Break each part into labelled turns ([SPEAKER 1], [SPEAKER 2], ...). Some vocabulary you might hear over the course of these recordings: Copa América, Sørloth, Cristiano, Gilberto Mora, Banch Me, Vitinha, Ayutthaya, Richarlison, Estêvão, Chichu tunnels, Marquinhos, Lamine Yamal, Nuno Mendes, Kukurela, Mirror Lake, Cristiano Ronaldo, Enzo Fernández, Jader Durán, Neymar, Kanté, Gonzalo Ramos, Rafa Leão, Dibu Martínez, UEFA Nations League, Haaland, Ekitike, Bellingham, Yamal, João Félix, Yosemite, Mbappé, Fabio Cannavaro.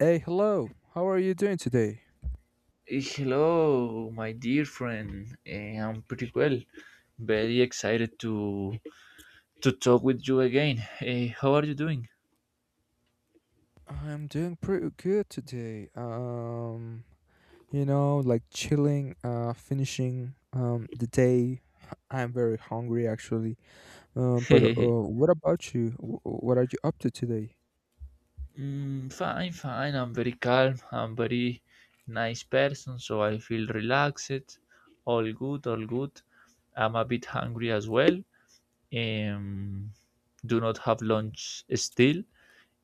[SPEAKER 1] Hey, hello. How are you doing today?
[SPEAKER 2] Hello, my dear friend. I'm pretty well. Very excited to talk with you again. Eh, how are you doing?
[SPEAKER 1] I'm doing pretty good today. Like chilling, finishing the day. I'm very hungry actually. But
[SPEAKER 2] mm,
[SPEAKER 1] what about you? What are you up to today?
[SPEAKER 2] fine. I'm very calm. I'm very nice person, so I feel relaxed. All good, all good. I'm a bit hungry as well. Um, do not have lunch still,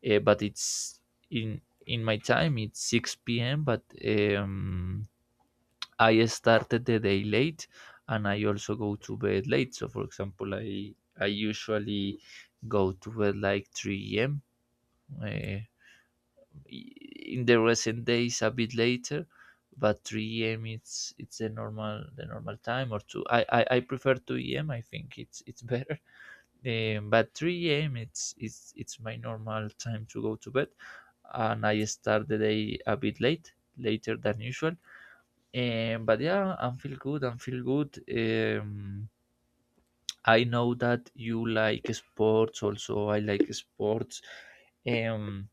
[SPEAKER 2] but it's in in my time. It's 6 p.m. But I started the day late, and I also go to bed late. So for example, I usually go to bed like 3 a.m. Uh, in the recent days a bit later, but 3 a.m. it's the normal time, or two. I prefer 2 a.m. I think it's better. But 3 a.m. it's my normal time to go to bed, and I start the day a bit late, later than usual, but yeah, I'm feel good. I'm feel good. I know that you like sports. Also, I like sports. Um,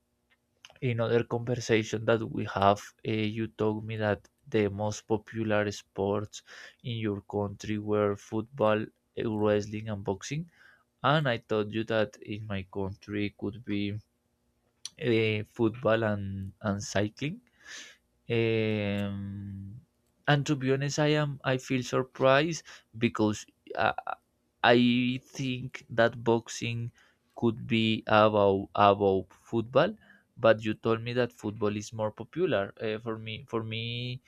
[SPEAKER 2] in other conversation that we have, you told me that the most popular sports in your country were football, wrestling, and boxing. And I told you that in my country could be football and cycling. Um, and to be honest, I am. I feel surprised because uh, I think that boxing could be about football, but you told me that football is more popular. For me,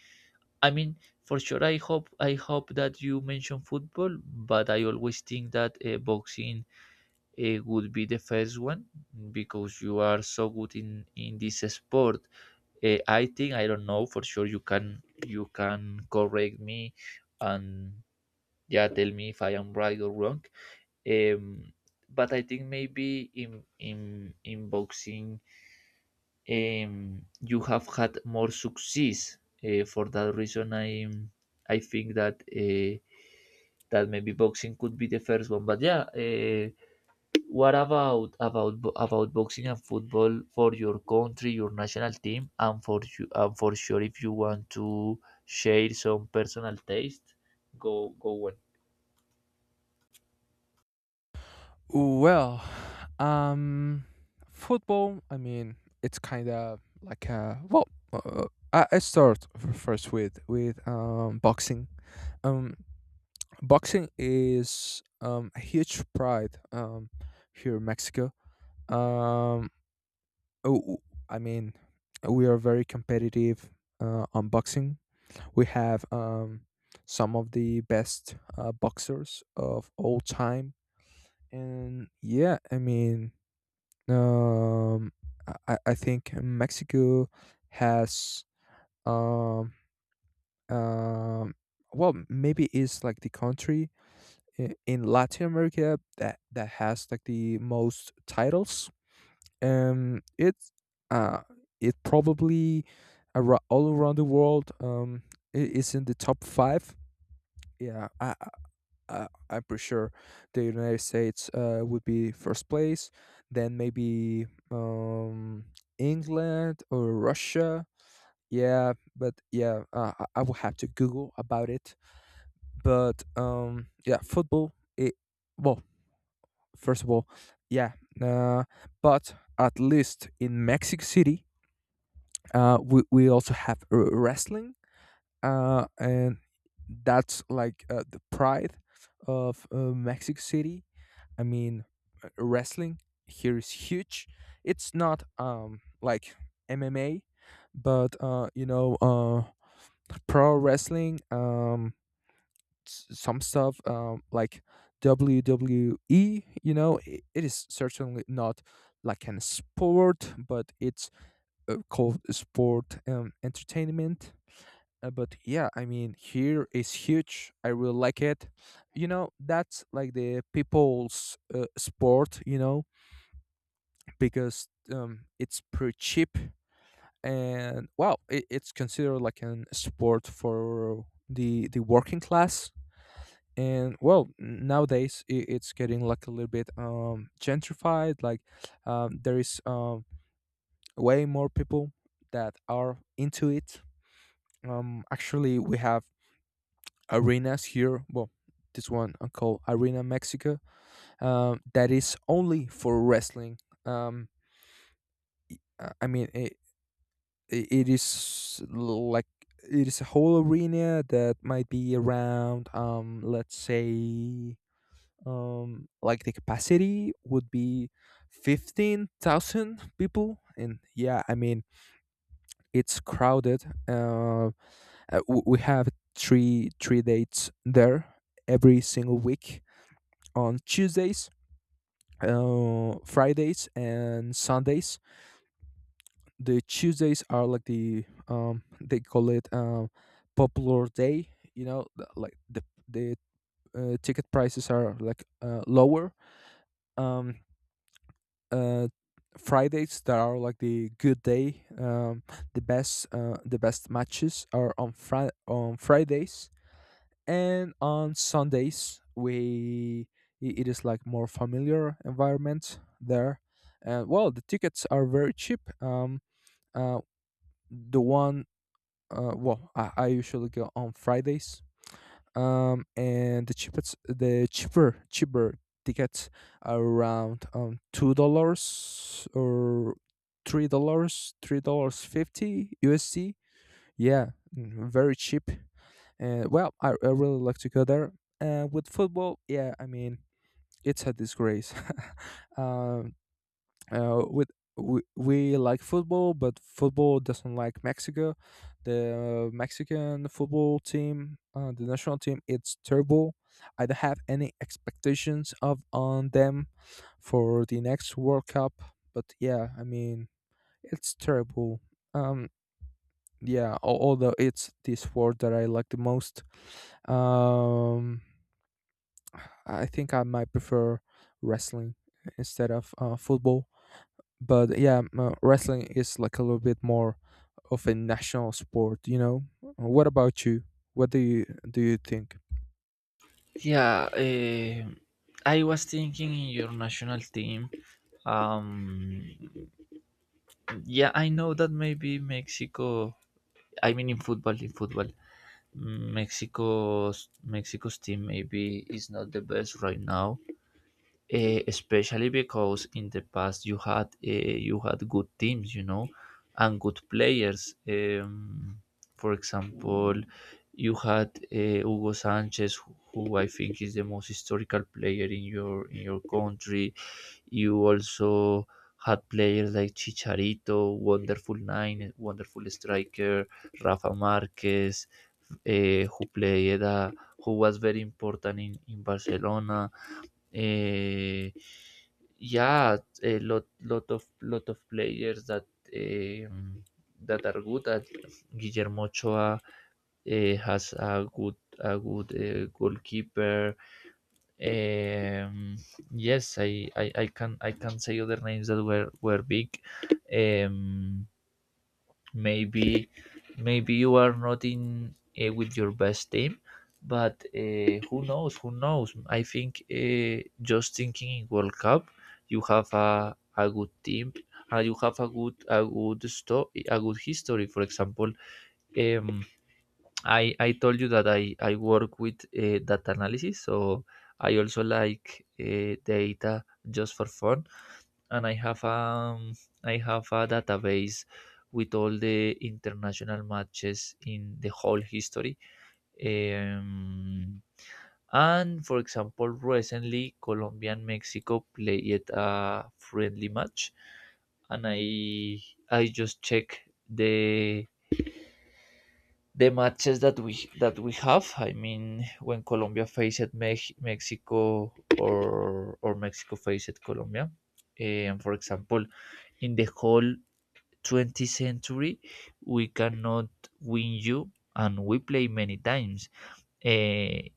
[SPEAKER 2] I mean, for sure. I hope that you mention football, but I always think that boxing would be the first one, because you are so good in this sport. I think I don't know for sure. You can correct me, and yeah, tell me if I am right or wrong. Um, but I think maybe in in boxing, you have had more success. For that reason, I think that that maybe boxing could be the first one. But yeah, what about about boxing and football for your country, your national team, and for you, and for sure, if you want to share some personal taste, go on.
[SPEAKER 1] Well, Um, football. I mean, it's kind of like a I start first with boxing. Um, boxing is a huge pride here in Mexico. Um, oh, oh, I mean, we are very competitive on boxing. We have some of the best boxers of all time, and yeah, I mean. Um, I I think Mexico has um um well, maybe is like the country in Latin America that has like the most titles. It's uh it probably all around the world, is in the top five. Yeah, I'm pretty sure the United States would be first place, then maybe England or Russia. Yeah, but yeah, I will have to Google about it. But yeah, football. It well, first of all, yeah, uh, but at least in Mexico City, we also have wrestling, and that's like the pride of Mexico City. I mean, wrestling here is huge. It's not like MMA, but pro wrestling, some stuff like WWE. I it is certainly not like an sport, but it's called sport entertainment. But yeah, I mean, here is huge. I really like it. You know, that's like the people's sport, because it's pretty cheap, and wow, it's considered like an sport for the working class. And well, nowadays, it's getting like a little bit gentrified, like there is way more people that are into it. Actually, we have arenas here. Well, this one, called Arena Mexico, that is only for wrestling. Um uh, i mean, it is like, it is a whole arena that might be around, let's say, like the capacity would be 15,000 people. And yeah, I mean, it's crowded. Uh, w- we have three dates there every single week: on Tuesdays, Fridays, and Sundays. The Tuesdays are like the, they call it, popular day. You know, like the ticket prices are like lower. Um, uh, Fridays that are like the good day. The best matches are on Fridays, and on Sundays, it is like more familiar environment there. And well, the tickets are very cheap. Uh, the one well, I usually go on Fridays. And the cheaper tickets are around $2 or $3, $3.50 USD. Yeah, very cheap. And well, I really like to go there. With football, yeah, I mean, it's a disgrace. um, uh, with we like football, but football doesn't like Mexico. The Mexican football team, the national team, it's terrible. I don't have any expectations of on them for the next World Cup. But yeah, I mean, it's terrible. Um, yeah, although it's the sport that I like the most. Um, I think I might prefer wrestling instead of football, but yeah, wrestling is like a little bit more of a national sport, you know. What about you? What do you think?
[SPEAKER 2] Yeah, I was thinking in your national team. Um, yeah, I know that maybe Mexico. I mean, in football, Mexico's team maybe is not the best right now. Especially because in the past you had good teams, you know, and good players. For example, you had Hugo Sanchez, who I think is the most historical player in your country. You also had players like Chicharito, wonderful nine, wonderful striker, Rafa Marquez, who played who was very important in Barcelona, uh, yeah, a lot of players that um, that are good. At Guillermo Ochoa, has a good goalkeeper. Um, yes, I can say other names that were big. Um, maybe maybe you are not in with your best team, but who knows. I think just thinking in World Cup, you have a good team, and you have a good story, a good history. For example, um, I told you that I work with data analysis, so I also like data just for fun. And I have a database with all the international matches in the whole history. Um, and for example, recently Colombia and Mexico played a friendly match, and I just check the matches that we have. I mean, when Colombia faced Mexico, or Mexico faced Colombia, and for example, in the whole 20th century we cannot win you, and we play many times. Eh,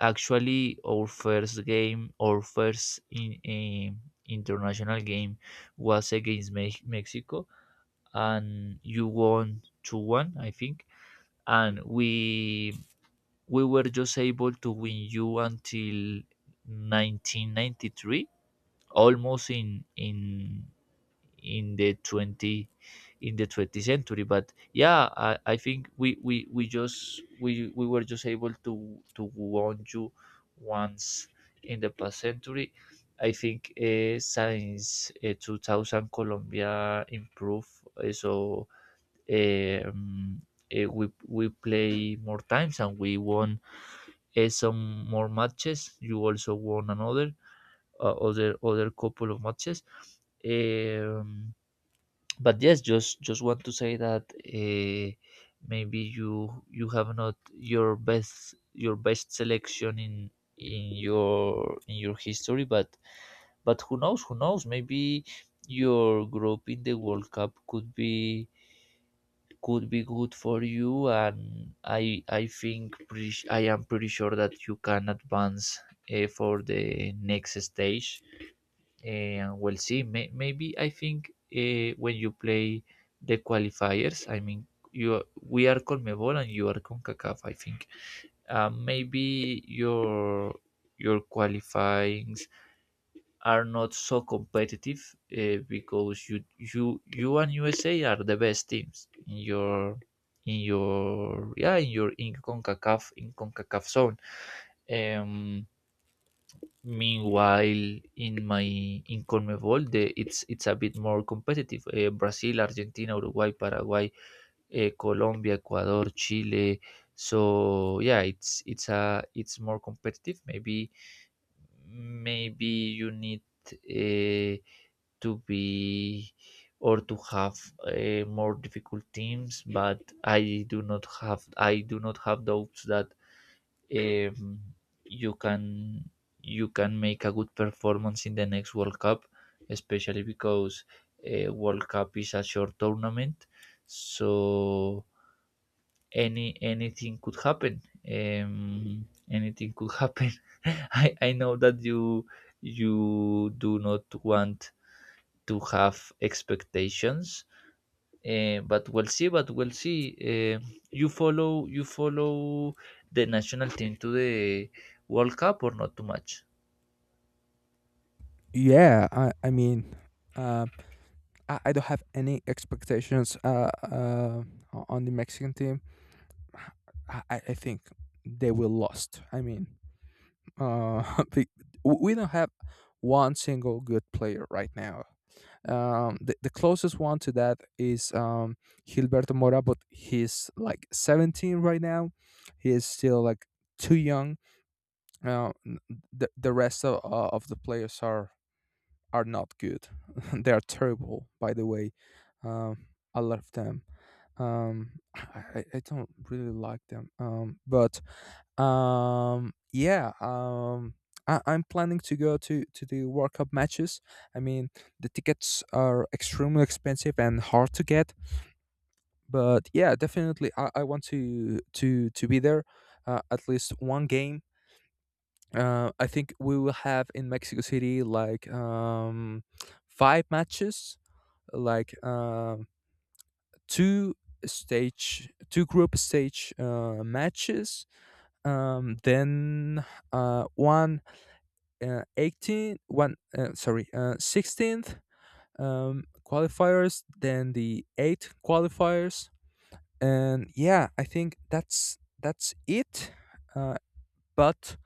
[SPEAKER 2] actually, our first game, our first international game was against Me- mexico, and you won 2-1 I think. And we were just able to win you until 1993, almost in in the 20, in the 20th century. But yeah, I think we we were just able to warn you once in the past century. I think since 2000, Colombia improved, so um, we play more times and we won some more matches. You also won another, other other couple of matches. um, but yes, just want to say that maybe you you have not your best your best selection in your history, but who knows maybe your group in the World Cup could be, could be good for you. And I think I am pretty sure that you can advance for the next stage, and we'll see. May- maybe I think when you play the qualifiers, I mean, you we are CONMEBOL and you are CONCACAF. I think maybe your qualifyings are not so competitive, because you and USA are the best teams in your in CONCACAF, in CONCACAF zone. Um, Meanwhile, in my in CONMEBOL, it's a bit more competitive. Brazil, Argentina, Uruguay, Paraguay, Colombia, Ecuador, Chile. So yeah, it's more competitive. Maybe maybe you need uh, to be, or to have more difficult teams. But I do not have doubts that um, you can you can make a good performance in the next World Cup, especially because World Cup is a short tournament, so anything could happen. Anything could happen. I know that you do not want to have expectations, but we'll see. But we'll see. You follow the national team to the World Cup, or not too much?
[SPEAKER 1] Yeah, I mean, uh, I don't have any expectations, on the Mexican team. I think they will lost. I mean, uh, be- we don't have one single good player right now. The closest one to that is, Gilberto Mora, but he's like 17 right now. He is still like too young. Uh, n- the rest of the players are not good. They are terrible, by the way. Um, I love them. I don't really like them. But yeah, I'm planning to go to the World Cup matches. I mean, the tickets are extremely expensive and hard to get, but yeah, definitely, I want to be there, at least one game. I think we will have in Mexico City like, five matches, like, two two group stage, matches. Then, one, 18, one, sorry 16th qualifiers, then the eight qualifiers. And yeah, I think that's it. uh, but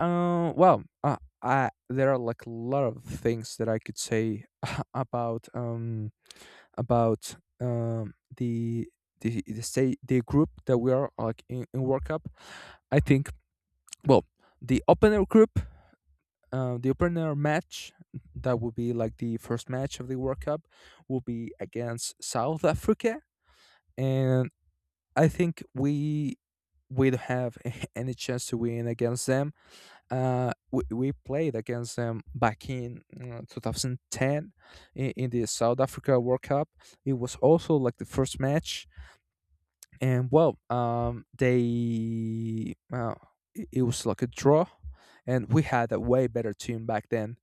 [SPEAKER 1] uh, well uh, I, there are like a lot of things that I could say about, about, the group that we are like in, World Cup. I think, well, the open air group the opener match, that would be like the first match of the World Cup, will be against South Africa. And I think we don't have any chance to win against them. We played against them back in 2010, in the South Africa World Cup. It was also like the first match, and well, they it it was like a draw, and we had a way better team back then.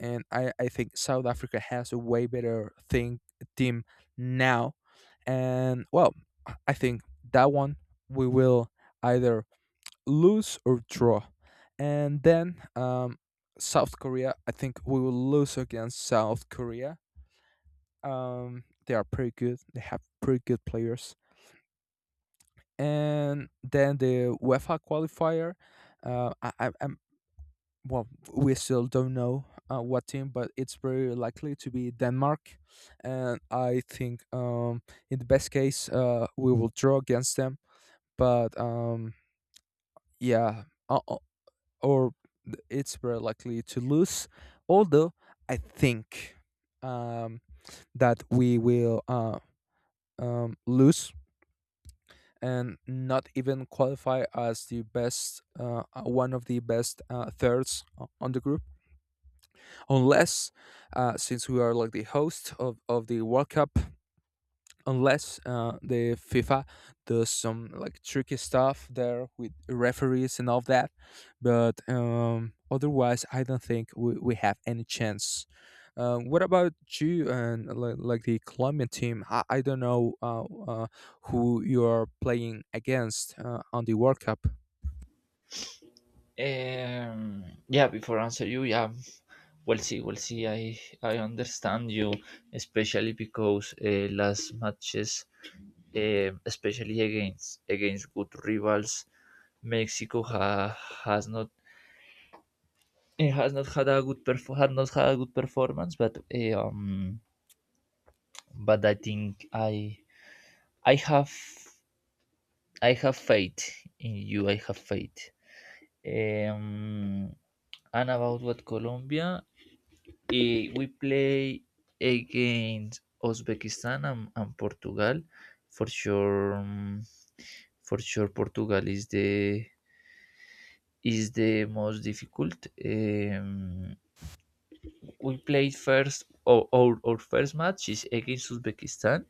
[SPEAKER 1] And I think South Africa has a way better thing team now. And well, I think that one we will either lose or draw. And then, South Korea. I think we will lose against South Korea. They are pretty good. They have pretty good players. And then the UEFA qualifier. Uh, I, I- I'm well, we still don't know, what team, but it's very likely to be Denmark. And I think, in the best case, we will draw against them. But yeah, uh, uh, or it's very likely to lose. Although I think, um, that we will, lose, and not even qualify as the best, one of the best, thirds, on the group, unless, since we are like the host of the World Cup, unless, the FIFA does some like tricky stuff there with referees and all that. But otherwise, I don't think we have any chance. What about you and like the Colombian team? I don't know, who you are playing against, on the World Cup.
[SPEAKER 2] Yeah, before answer you, yeah, we'll see, we'll see. I understand you, especially because last matches, especially against against good rivals, Mexico ha, has not had a had not had a good performance. But but I think I have I have faith in you. I have faith. Um, and about what Colombia, we play against Uzbekistan and Portugal. For sure, um, for sure, Portugal is the, is the most difficult. We played first. Our first match is against Uzbekistan.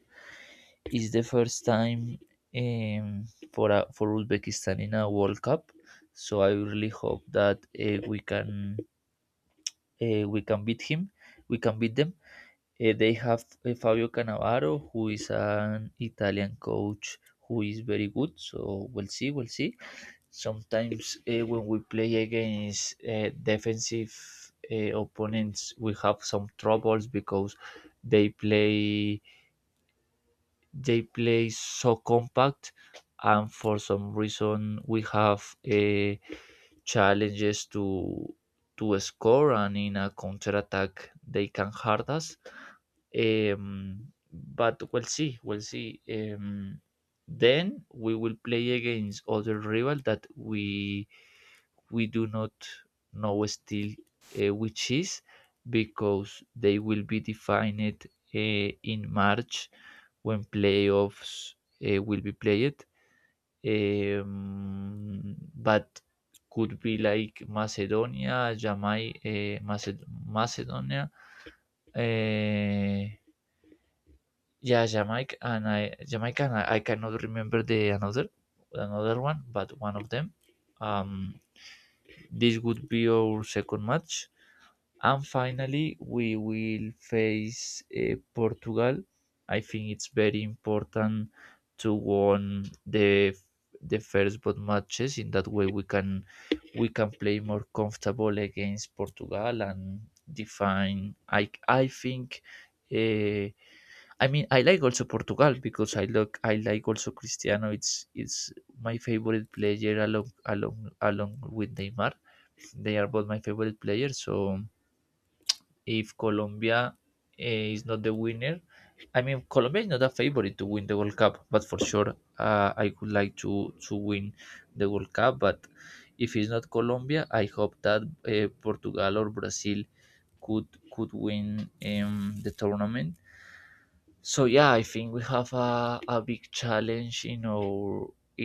[SPEAKER 2] It's the first time, um, for Uzbekistan in a World Cup, so I really hope that uh, we can we can beat him. We can beat them. They have Fabio Cannavaro, who is an Italian coach who is very good. So we'll see, we'll see. Sometimes when we play against defensive opponents, we have some troubles because they play they play so compact, and for some reason we have challenges to score, and in a counter attack they can hurt us. um, but we'll see, we'll see. Then we will play against other rival that we do not know still, which is, because they will be defined uh, in March when playoffs will be played. But could be like Macedonia, Jamaica, Macedonia, uh, yeah, Jamaica, and Jamaica, and I cannot remember the another, another one, but one of them. Um, this would be our second match. And finally, we will face Portugal. I think it's very important to won the first both matches. In that way, we can play more comfortable against Portugal and define. I think. Uh, I mean, I like also Portugal because I look. I like also Cristiano. It's my favorite player along with Neymar. They are both my favorite players. So if Colombia is not the winner, I mean Colombia is not a favorite to win the World Cup, but for sure, I would like to win the World Cup. But if it's not Colombia, I hope that Portugal or Brazil could could win the tournament. So yeah, I think we have a big challenge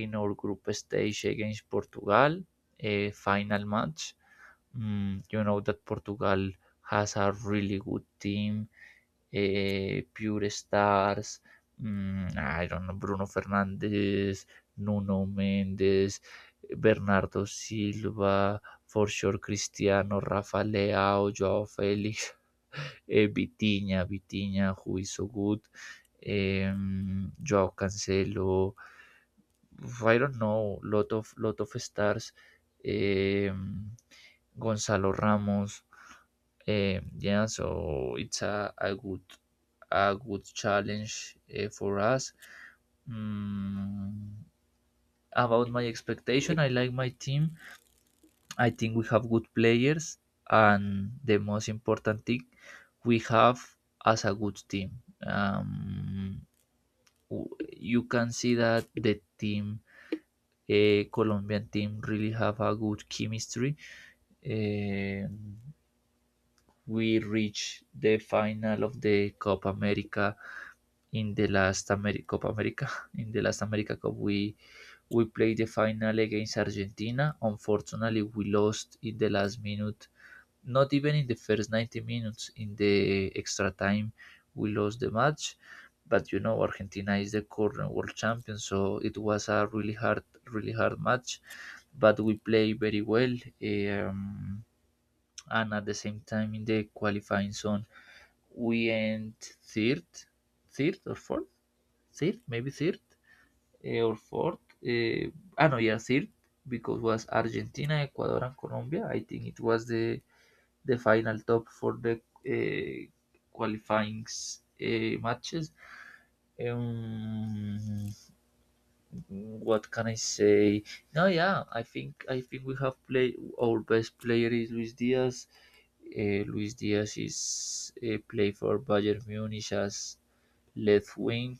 [SPEAKER 2] in our group stage against Portugal, a final match. Mm, you know that Portugal has a really good team, pure stars. Mm, ah, I don't know, Bruno Fernandes, Nuno Mendes, Bernardo Silva, for sure Cristiano, Rafa Leao, Joao Félix, Vitinha, Vitinha, who is so good. Em, Joao Cancelo, I don't know, lot of stars. Em, Gonzalo Ramos. Yeah, so it's a good, a good challenge for us. Mm, about my expectation, I like my team. I think we have good players, and the most important thing, we have as a good team. W- you can see that the team, a Colombian team, really have a good chemistry. Um we reached the final of the Copa America in the last Copa America in the last America Cup we played the final against Argentina. Unfortunately, we lost in the last minute. Not even in the first 90 minutes, in the extra time we lost the match. But you know, Argentina is the current world champion, so it was a really hard match. But we played very well. Um, and at the same time in the qualifying zone we end third, third or fourth third maybe third eh, or fourth uh, ah no yeah third, because was Argentina, Ecuador and Colombia. I think it was the final top for the uh, qualifying matches. um, what can I say? No yeah I think I think we have played. Our best player is Luis Diaz. Luis Diaz is play for Bayern Munich as left wing.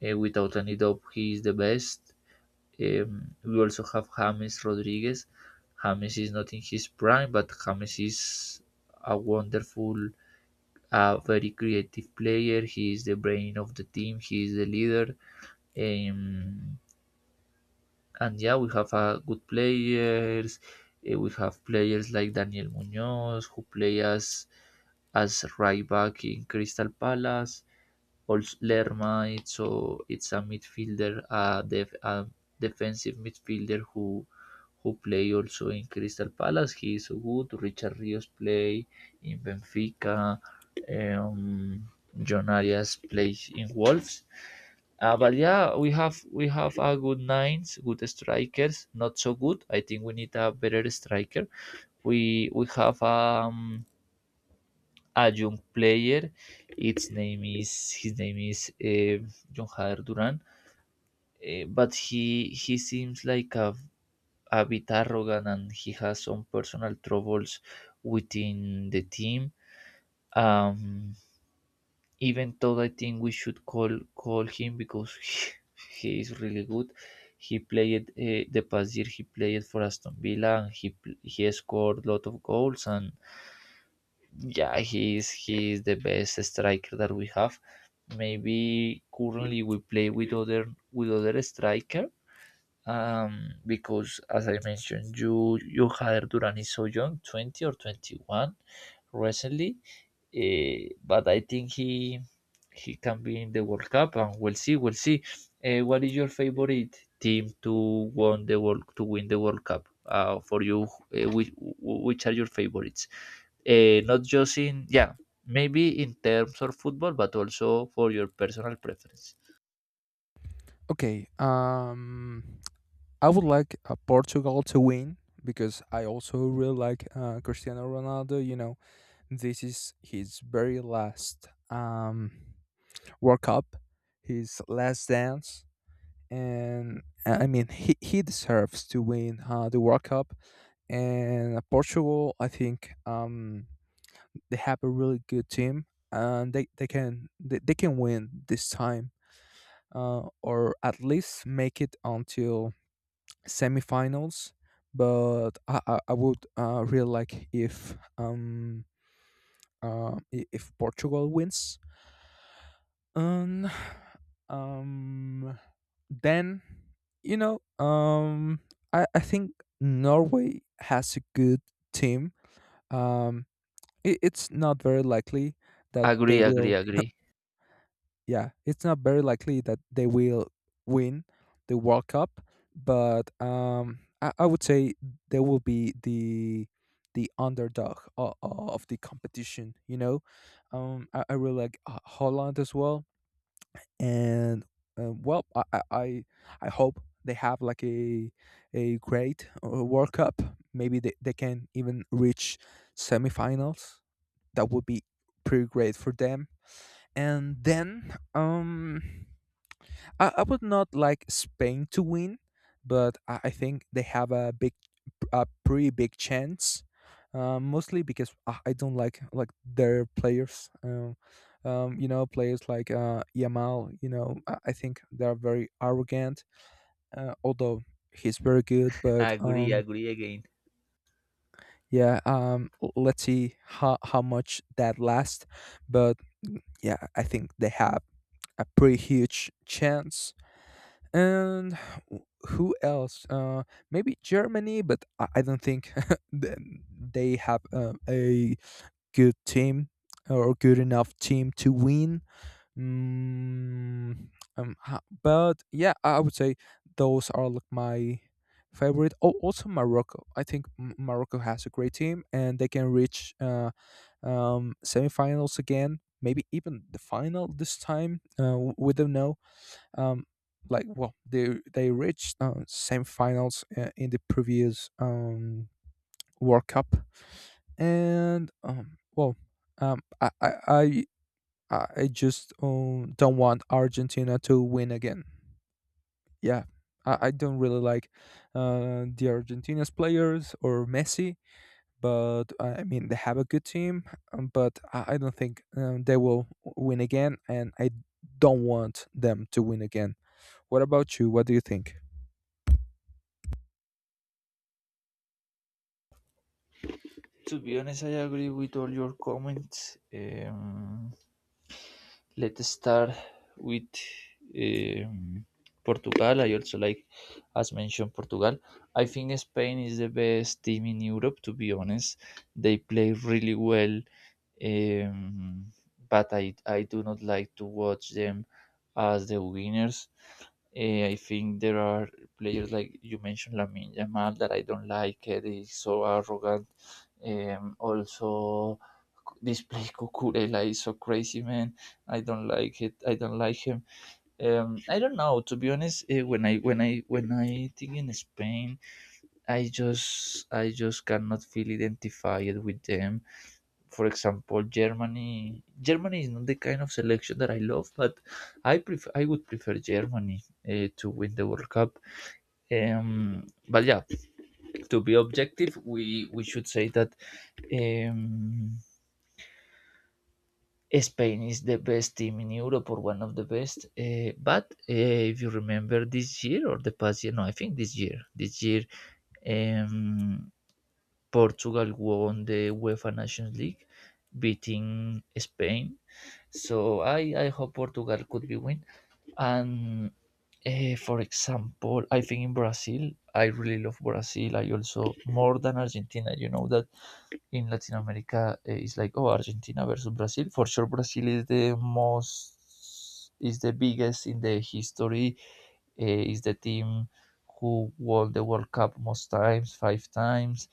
[SPEAKER 2] Without any doubt, he is the best. We also have James Rodriguez. James is not in his prime, but James is a wonderful, very creative player. He is the brain of the team. He is the leader. Um, And yeah, we have good players. Eh, we have players like Daniel Munoz, who play as right back in Crystal Palace. Also Lerma, it's a midfielder, a defensive midfielder who play also in Crystal Palace. He is so good. Richard Rios play in Benfica. Um, John Arias plays in Wolves. But yeah, we have a good nines, good strikers. Not so good. I think we need a better striker. We have a young player. Its name is his name is John Jader Duran. But he seems like a bit arrogant, and he has some personal troubles within the team. Um, even though I think we should call him because he is really good. He played the past year. He played for Aston Villa. And he scored a lot of goals, and yeah, he is the best striker that we have. Maybe currently we play with other striker. Um, because as I mentioned, you had Duran is so young, 20 or 21, recently, but I think he can be in the World Cup, and we'll see. We'll see. What is your favorite team to won the world to win the World Cup? For you, which are your favorites? Not just in yeah, maybe in terms of football, but also for your personal preference.
[SPEAKER 1] Okay. I would like, Portugal to win, because I also really like, Cristiano Ronaldo. You know, this is his very last, World Cup, his last dance, and, I mean, he deserves to win the World Cup. And, Portugal, I think, they have a really good team, and they can win this time, or at least make it until semifinals, but I would, really like if, if Portugal wins. And, um, then, you know um I think Norway has a good team. Um, it's not very likely that they
[SPEAKER 2] Agree, agree,
[SPEAKER 1] will,
[SPEAKER 2] agree,
[SPEAKER 1] yeah, it's not very likely that they will win the World Cup, but, I would say they will be the underdog of the competition. You know, I really like Holland as well, and, well, I hope they have like a great, World Cup. Maybe they can even reach semifinals. That would be pretty great for them. And then, I would not like Spain to win, but I think they have a big, a pretty big chance. Mostly because I don't like their players. You know, players like, Yamal. You know, I think they are very arrogant. Although he's very good, but,
[SPEAKER 2] agree, agree again.
[SPEAKER 1] yeah. L- let's see how much that lasts. But, yeah, I think they have a pretty huge chance. And w- who else, maybe Germany? But I don't think th- they have, a good team or good enough team to win. Mm, um, ha- but yeah, I would say those are like my favorite. Oh, also Morocco. I think Morocco has a great team and they can reach, semifinals again, maybe even the final this time. We don't know. Um, like well, they reached, semifinals, in the previous, World Cup. And, well, um, I, I I I just, don't want Argentina to win again. Yeah, I don't really like, the Argentina's players or Messi, but I mean, they have a good team, but I don't think, they will win again, and I don't want them to win again. What about you? What do you think?
[SPEAKER 2] To be honest, I agree with all your comments. Let's start with um, Portugal. I also like, as mentioned, Portugal. I think Spain is the best team in Europe, to be honest. They play really well, um, but I do not like to watch them as the winners. Eh, I think there are players like you mentioned, Lamine Yamal, that I don't like. Eh, they so arrogant. Also, this play Kukurela is so crazy, man. I don't like it. I don't like him. I don't know. To be honest, when I think in Spain, I just cannot feel identified with them. For example, Germany. Germany is not the kind of selection that I love, but I would prefer Germany to win the World Cup. But yeah, to be objective, we should say that um, Spain is the best team in Europe or one of the best. But if you remember this year or the past year, no, I think this year, um, Portugal won the UEFA Nations League, beating Spain. So I hope Portugal could be win. And for example, I think in Brazil, I really love Brazil. I also more than Argentina. You know that in Latin America is like oh Argentina versus Brazil. For sure, Brazil is the most is the biggest in the history. Is the team who won the World Cup most times, 5 times.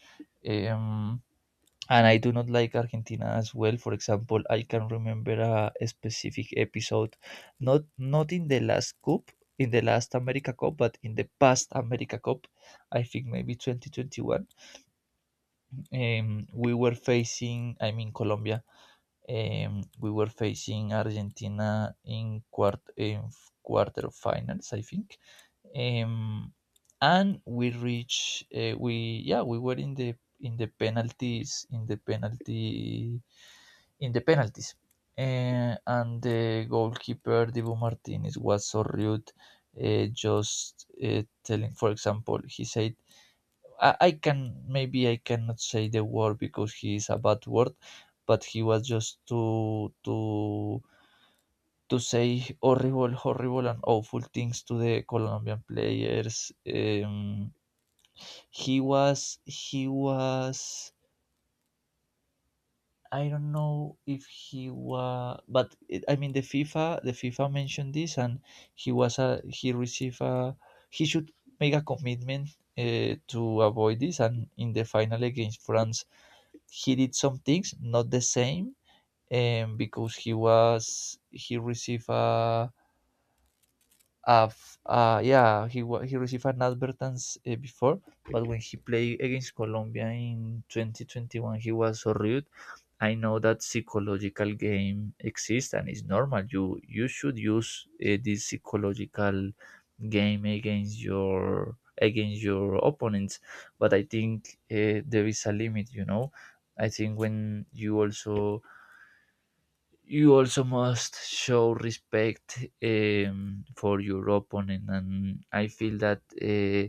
[SPEAKER 2] Um, and I do not like Argentina as well. For example, I can remember a specific episode, not in the last cup, in the last America Cup, but in the past America Cup. I think maybe 2021, we were facing, I mean Colombia, we were facing Argentina in quarterfinals, I think, um, and we reached. We were in the penalties in the penalty in the penalties, and the goalkeeper Dibu Martinez was so rude. Just telling, for example, he said, I can, maybe I cannot say the word because he is a bad word, but he was just to say horrible, horrible and awful things to the Colombian players. He was, I don't know if he was, but I mean the FIFA mentioned this, and he received a, he should make a commitment to avoid this, and in the final against France he did some things not the same, and because he received a yeah, he received an advertence before, but when he played against Colombia in 2021, he was so rude. I know that psychological game exists and it's normal. You should use this psychological game against your, opponents, but I think there is a limit. You know, I think when you also must show respect for your opponent, and I feel that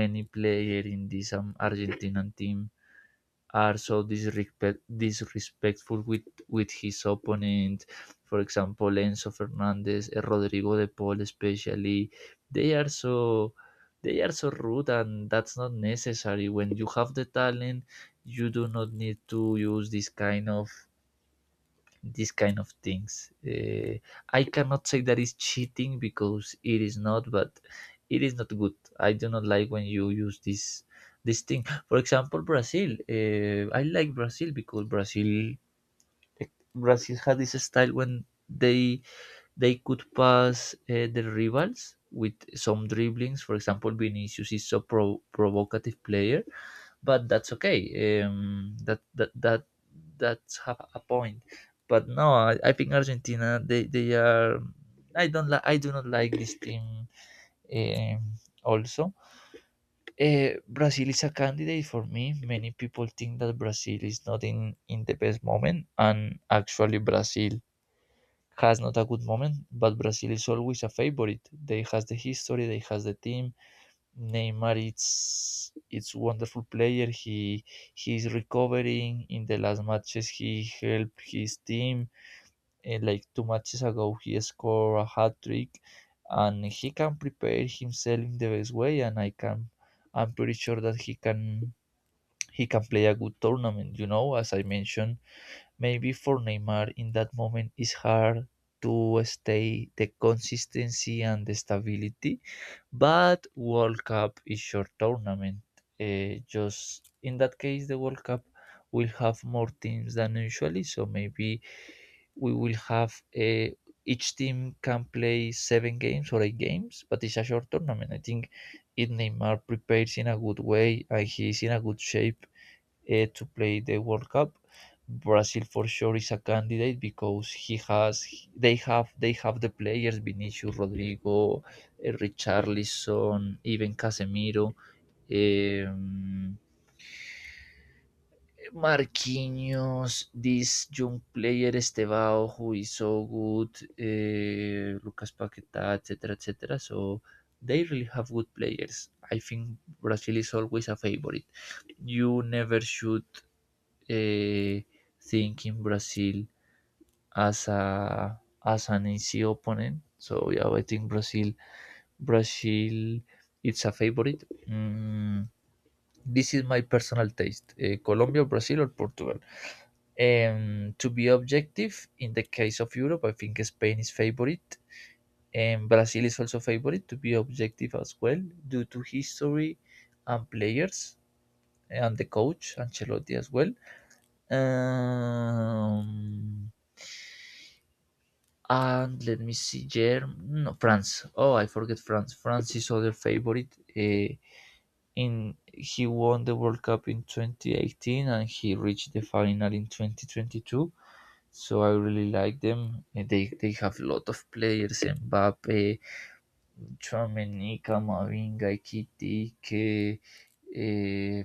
[SPEAKER 2] many players in this argentinian team are so disrespectful with his opponent. For example, Enzo Fernandez, Rodrigo De Paul especially. they are so they are so rude, and that's not necessary. When you have the talent, you do not need to use this kind of, these kind of things. I cannot say that is cheating because it is not, but it is not good. I do not like when you use this thing. For example, Brazil. I like Brazil because Brazil had this style when they could pass the rivals with some dribblings. For example, Vinicius is so provocative player, but that's okay. Um, that that that that's have a point. But no, I think Argentina. They are. I don't like. I do not like this team. Um, also, Brazil is a candidate for me. Many people think that Brazil is not in, in the best moment, and actually Brazil has not a good moment. But Brazil is always a favorite. They has the history. They has the team. Neymar it's wonderful player. He's recovering in the last matches. He helped his team. And like two matches ago, he scored a hat trick, and he can prepare himself in the best way. I'm pretty sure that he can play a good tournament. You know, as I mentioned, maybe for Neymar in that moment it's hard to stay the consistency and the stability, but World Cup is short tournament. Just in that case, the World Cup will have more teams than usually. So maybe we will have a each team can play 7 games or 8 games, but it's a short tournament. I think if Neymar prepares in a good way and he's in a good shape, to play the World Cup. Brazil for sure is a candidate because he has they have the players: Vinicius, Rodrigo, Richarlison, even Casemiro, um, Marquinhos, this young player Estevao who is so good, Lucas Paqueta, etc., etc. So they really have good players. I think Brazil is always a favorite. You never should uh, thinking Brazil as a, as an easy opponent. So yeah, I think Brazil it's a favorite. Mm, this is my personal taste: Colombia, Brazil, or Portugal. To be objective, in the case of Europe, I think Spain is favorite, and Brazil is also favorite. To be objective as well, due to history and players and the coach Ancelotti as well. Um, And let me see, Germ no, France. Oh, I forget France. France is other favorite. In he won the World Cup in 2018 and he reached the final in 2022. So I really like them. They they have a lot of players: Mbappe, Tchouameni, Camavinga, Ekitike, uh,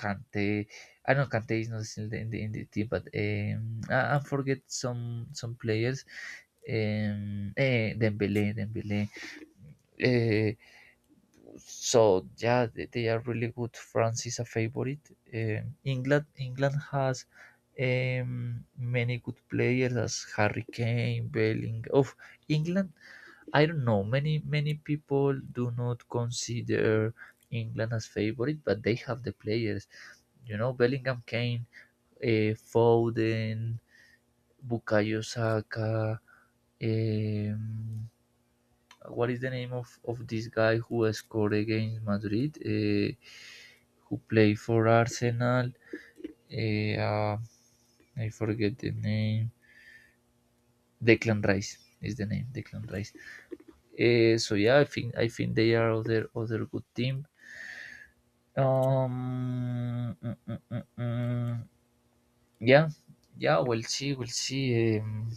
[SPEAKER 2] Kante. I know Kante is not still in the, in the team, but I forget some players. Eh, Dembele, Dembele. Eh, so yeah, they are really good. France is a favorite. England has many good players as Harry Kane, Belling. Of England, I don't know. Many, many people do not consider England as favorite, but they have the players. You know, Bellingham, Kane, Foden, Bukayo Saka. Um, what is the name of this guy who scored against Madrid? Who played for Arsenal? Eh, I forget the name. Declan Rice is the name. Declan Rice. Eh, so yeah, I think they are other, other good team. Mm, mm, mm, mm. Yeah, yeah. We'll see. We'll see.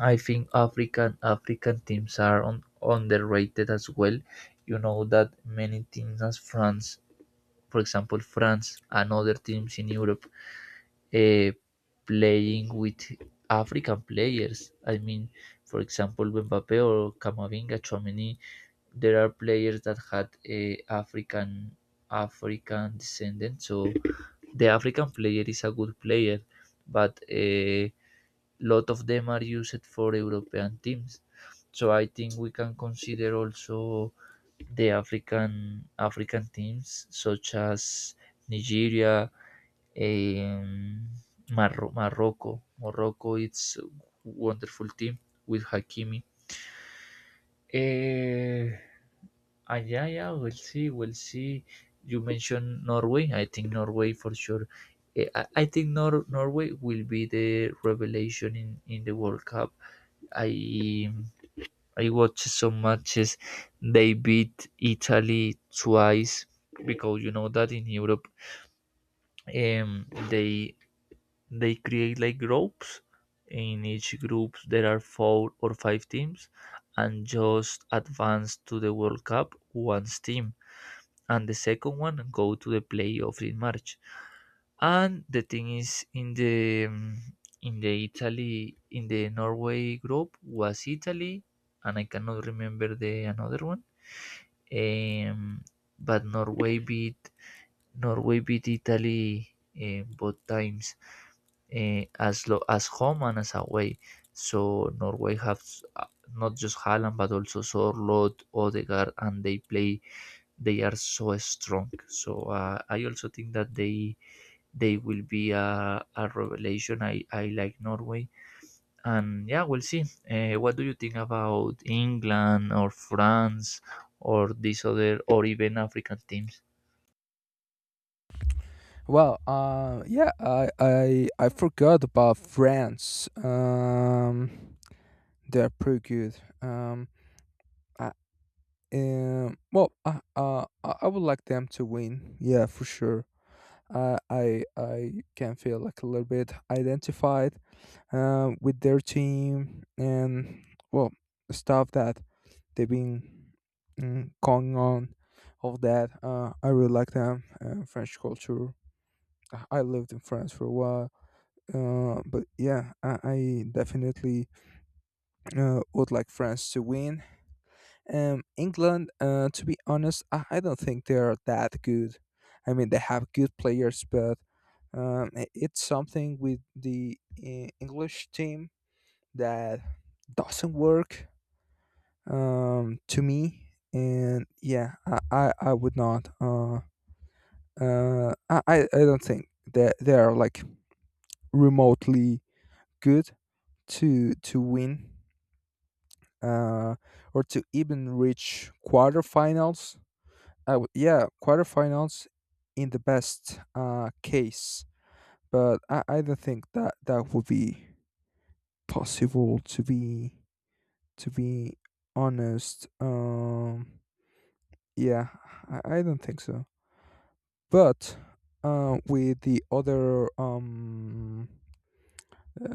[SPEAKER 2] I think African teams are on, underrated as well. You know that many teams as France, for example, France and other teams in Europe, uh, playing with African players. I mean, for example, Mbappe or Camavinga, Chouameni, there are players that had a African descendant. So the African player is a good player, but a lot of them are used for European teams. So I think we can consider also the African teams such as Nigeria, um, Morocco. Morocco, it's a wonderful team with Hakimi. Eh, yeah, yeah, we'll see, we'll see. You mentioned Norway. I think Norway for sure. Eh, I think Norway will be the revelation in the World Cup. I I watched some matches. They beat Italy twice, because you know that in Europe, um, they they create like groups. In each group, there are 4 or 5 teams, and just advance to the World Cup once team, and the second one go to the playoff in March. And the thing is, in the in the Norway group was Italy, and I cannot remember the another one. Um, but Norway beat Italy both times, as home and as away. So Norway have uh, not just Haaland but also Sorlot, Odegaard, and they are so strong. So I also think that they will be a revelation. I like Norway. And yeah, we'll see. What do you think about England or France or these other, or even African teams?
[SPEAKER 1] Well, yeah, I forgot about France. They're pretty good. I, well, I would like them to win. Yeah, for sure. I can feel like a little bit identified, with their team and well, stuff that they've been, going on. All that. I really like them. French culture. I lived in France for a while. But yeah, I definitely, would like France to win. England, to be honest, I don't think they are that good. I mean, they have good players, but, it's something with the, English team that doesn't work, to me. And yeah, I would not. I don't think that they are like remotely good to win, uh, or to even reach quarterfinals. Yeah, quarterfinals, in the best, case, but I don't think that that would be possible. To be honest, yeah, I don't think so. But, uh, with the other um,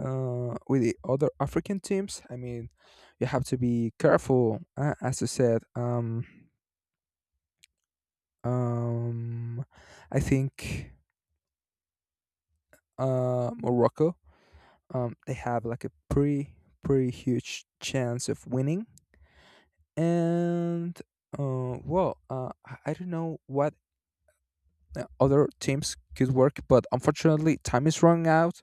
[SPEAKER 1] with the other African teams, I mean, you have to be careful, as you said. Um I think, Morocco, they have like a pretty huge chance of winning. And, I don't know what, other teams could work. But unfortunately, time is running out.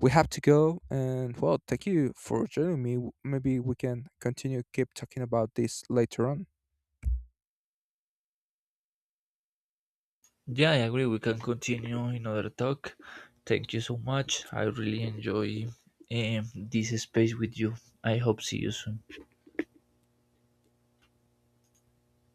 [SPEAKER 1] We have to go, and well, thank you for joining me. Maybe we can continue keep talking about this later on.
[SPEAKER 2] Yeah, I agree. We can continue in other talk. Thank you so much. I really enjoy this space with you. I hope see you soon.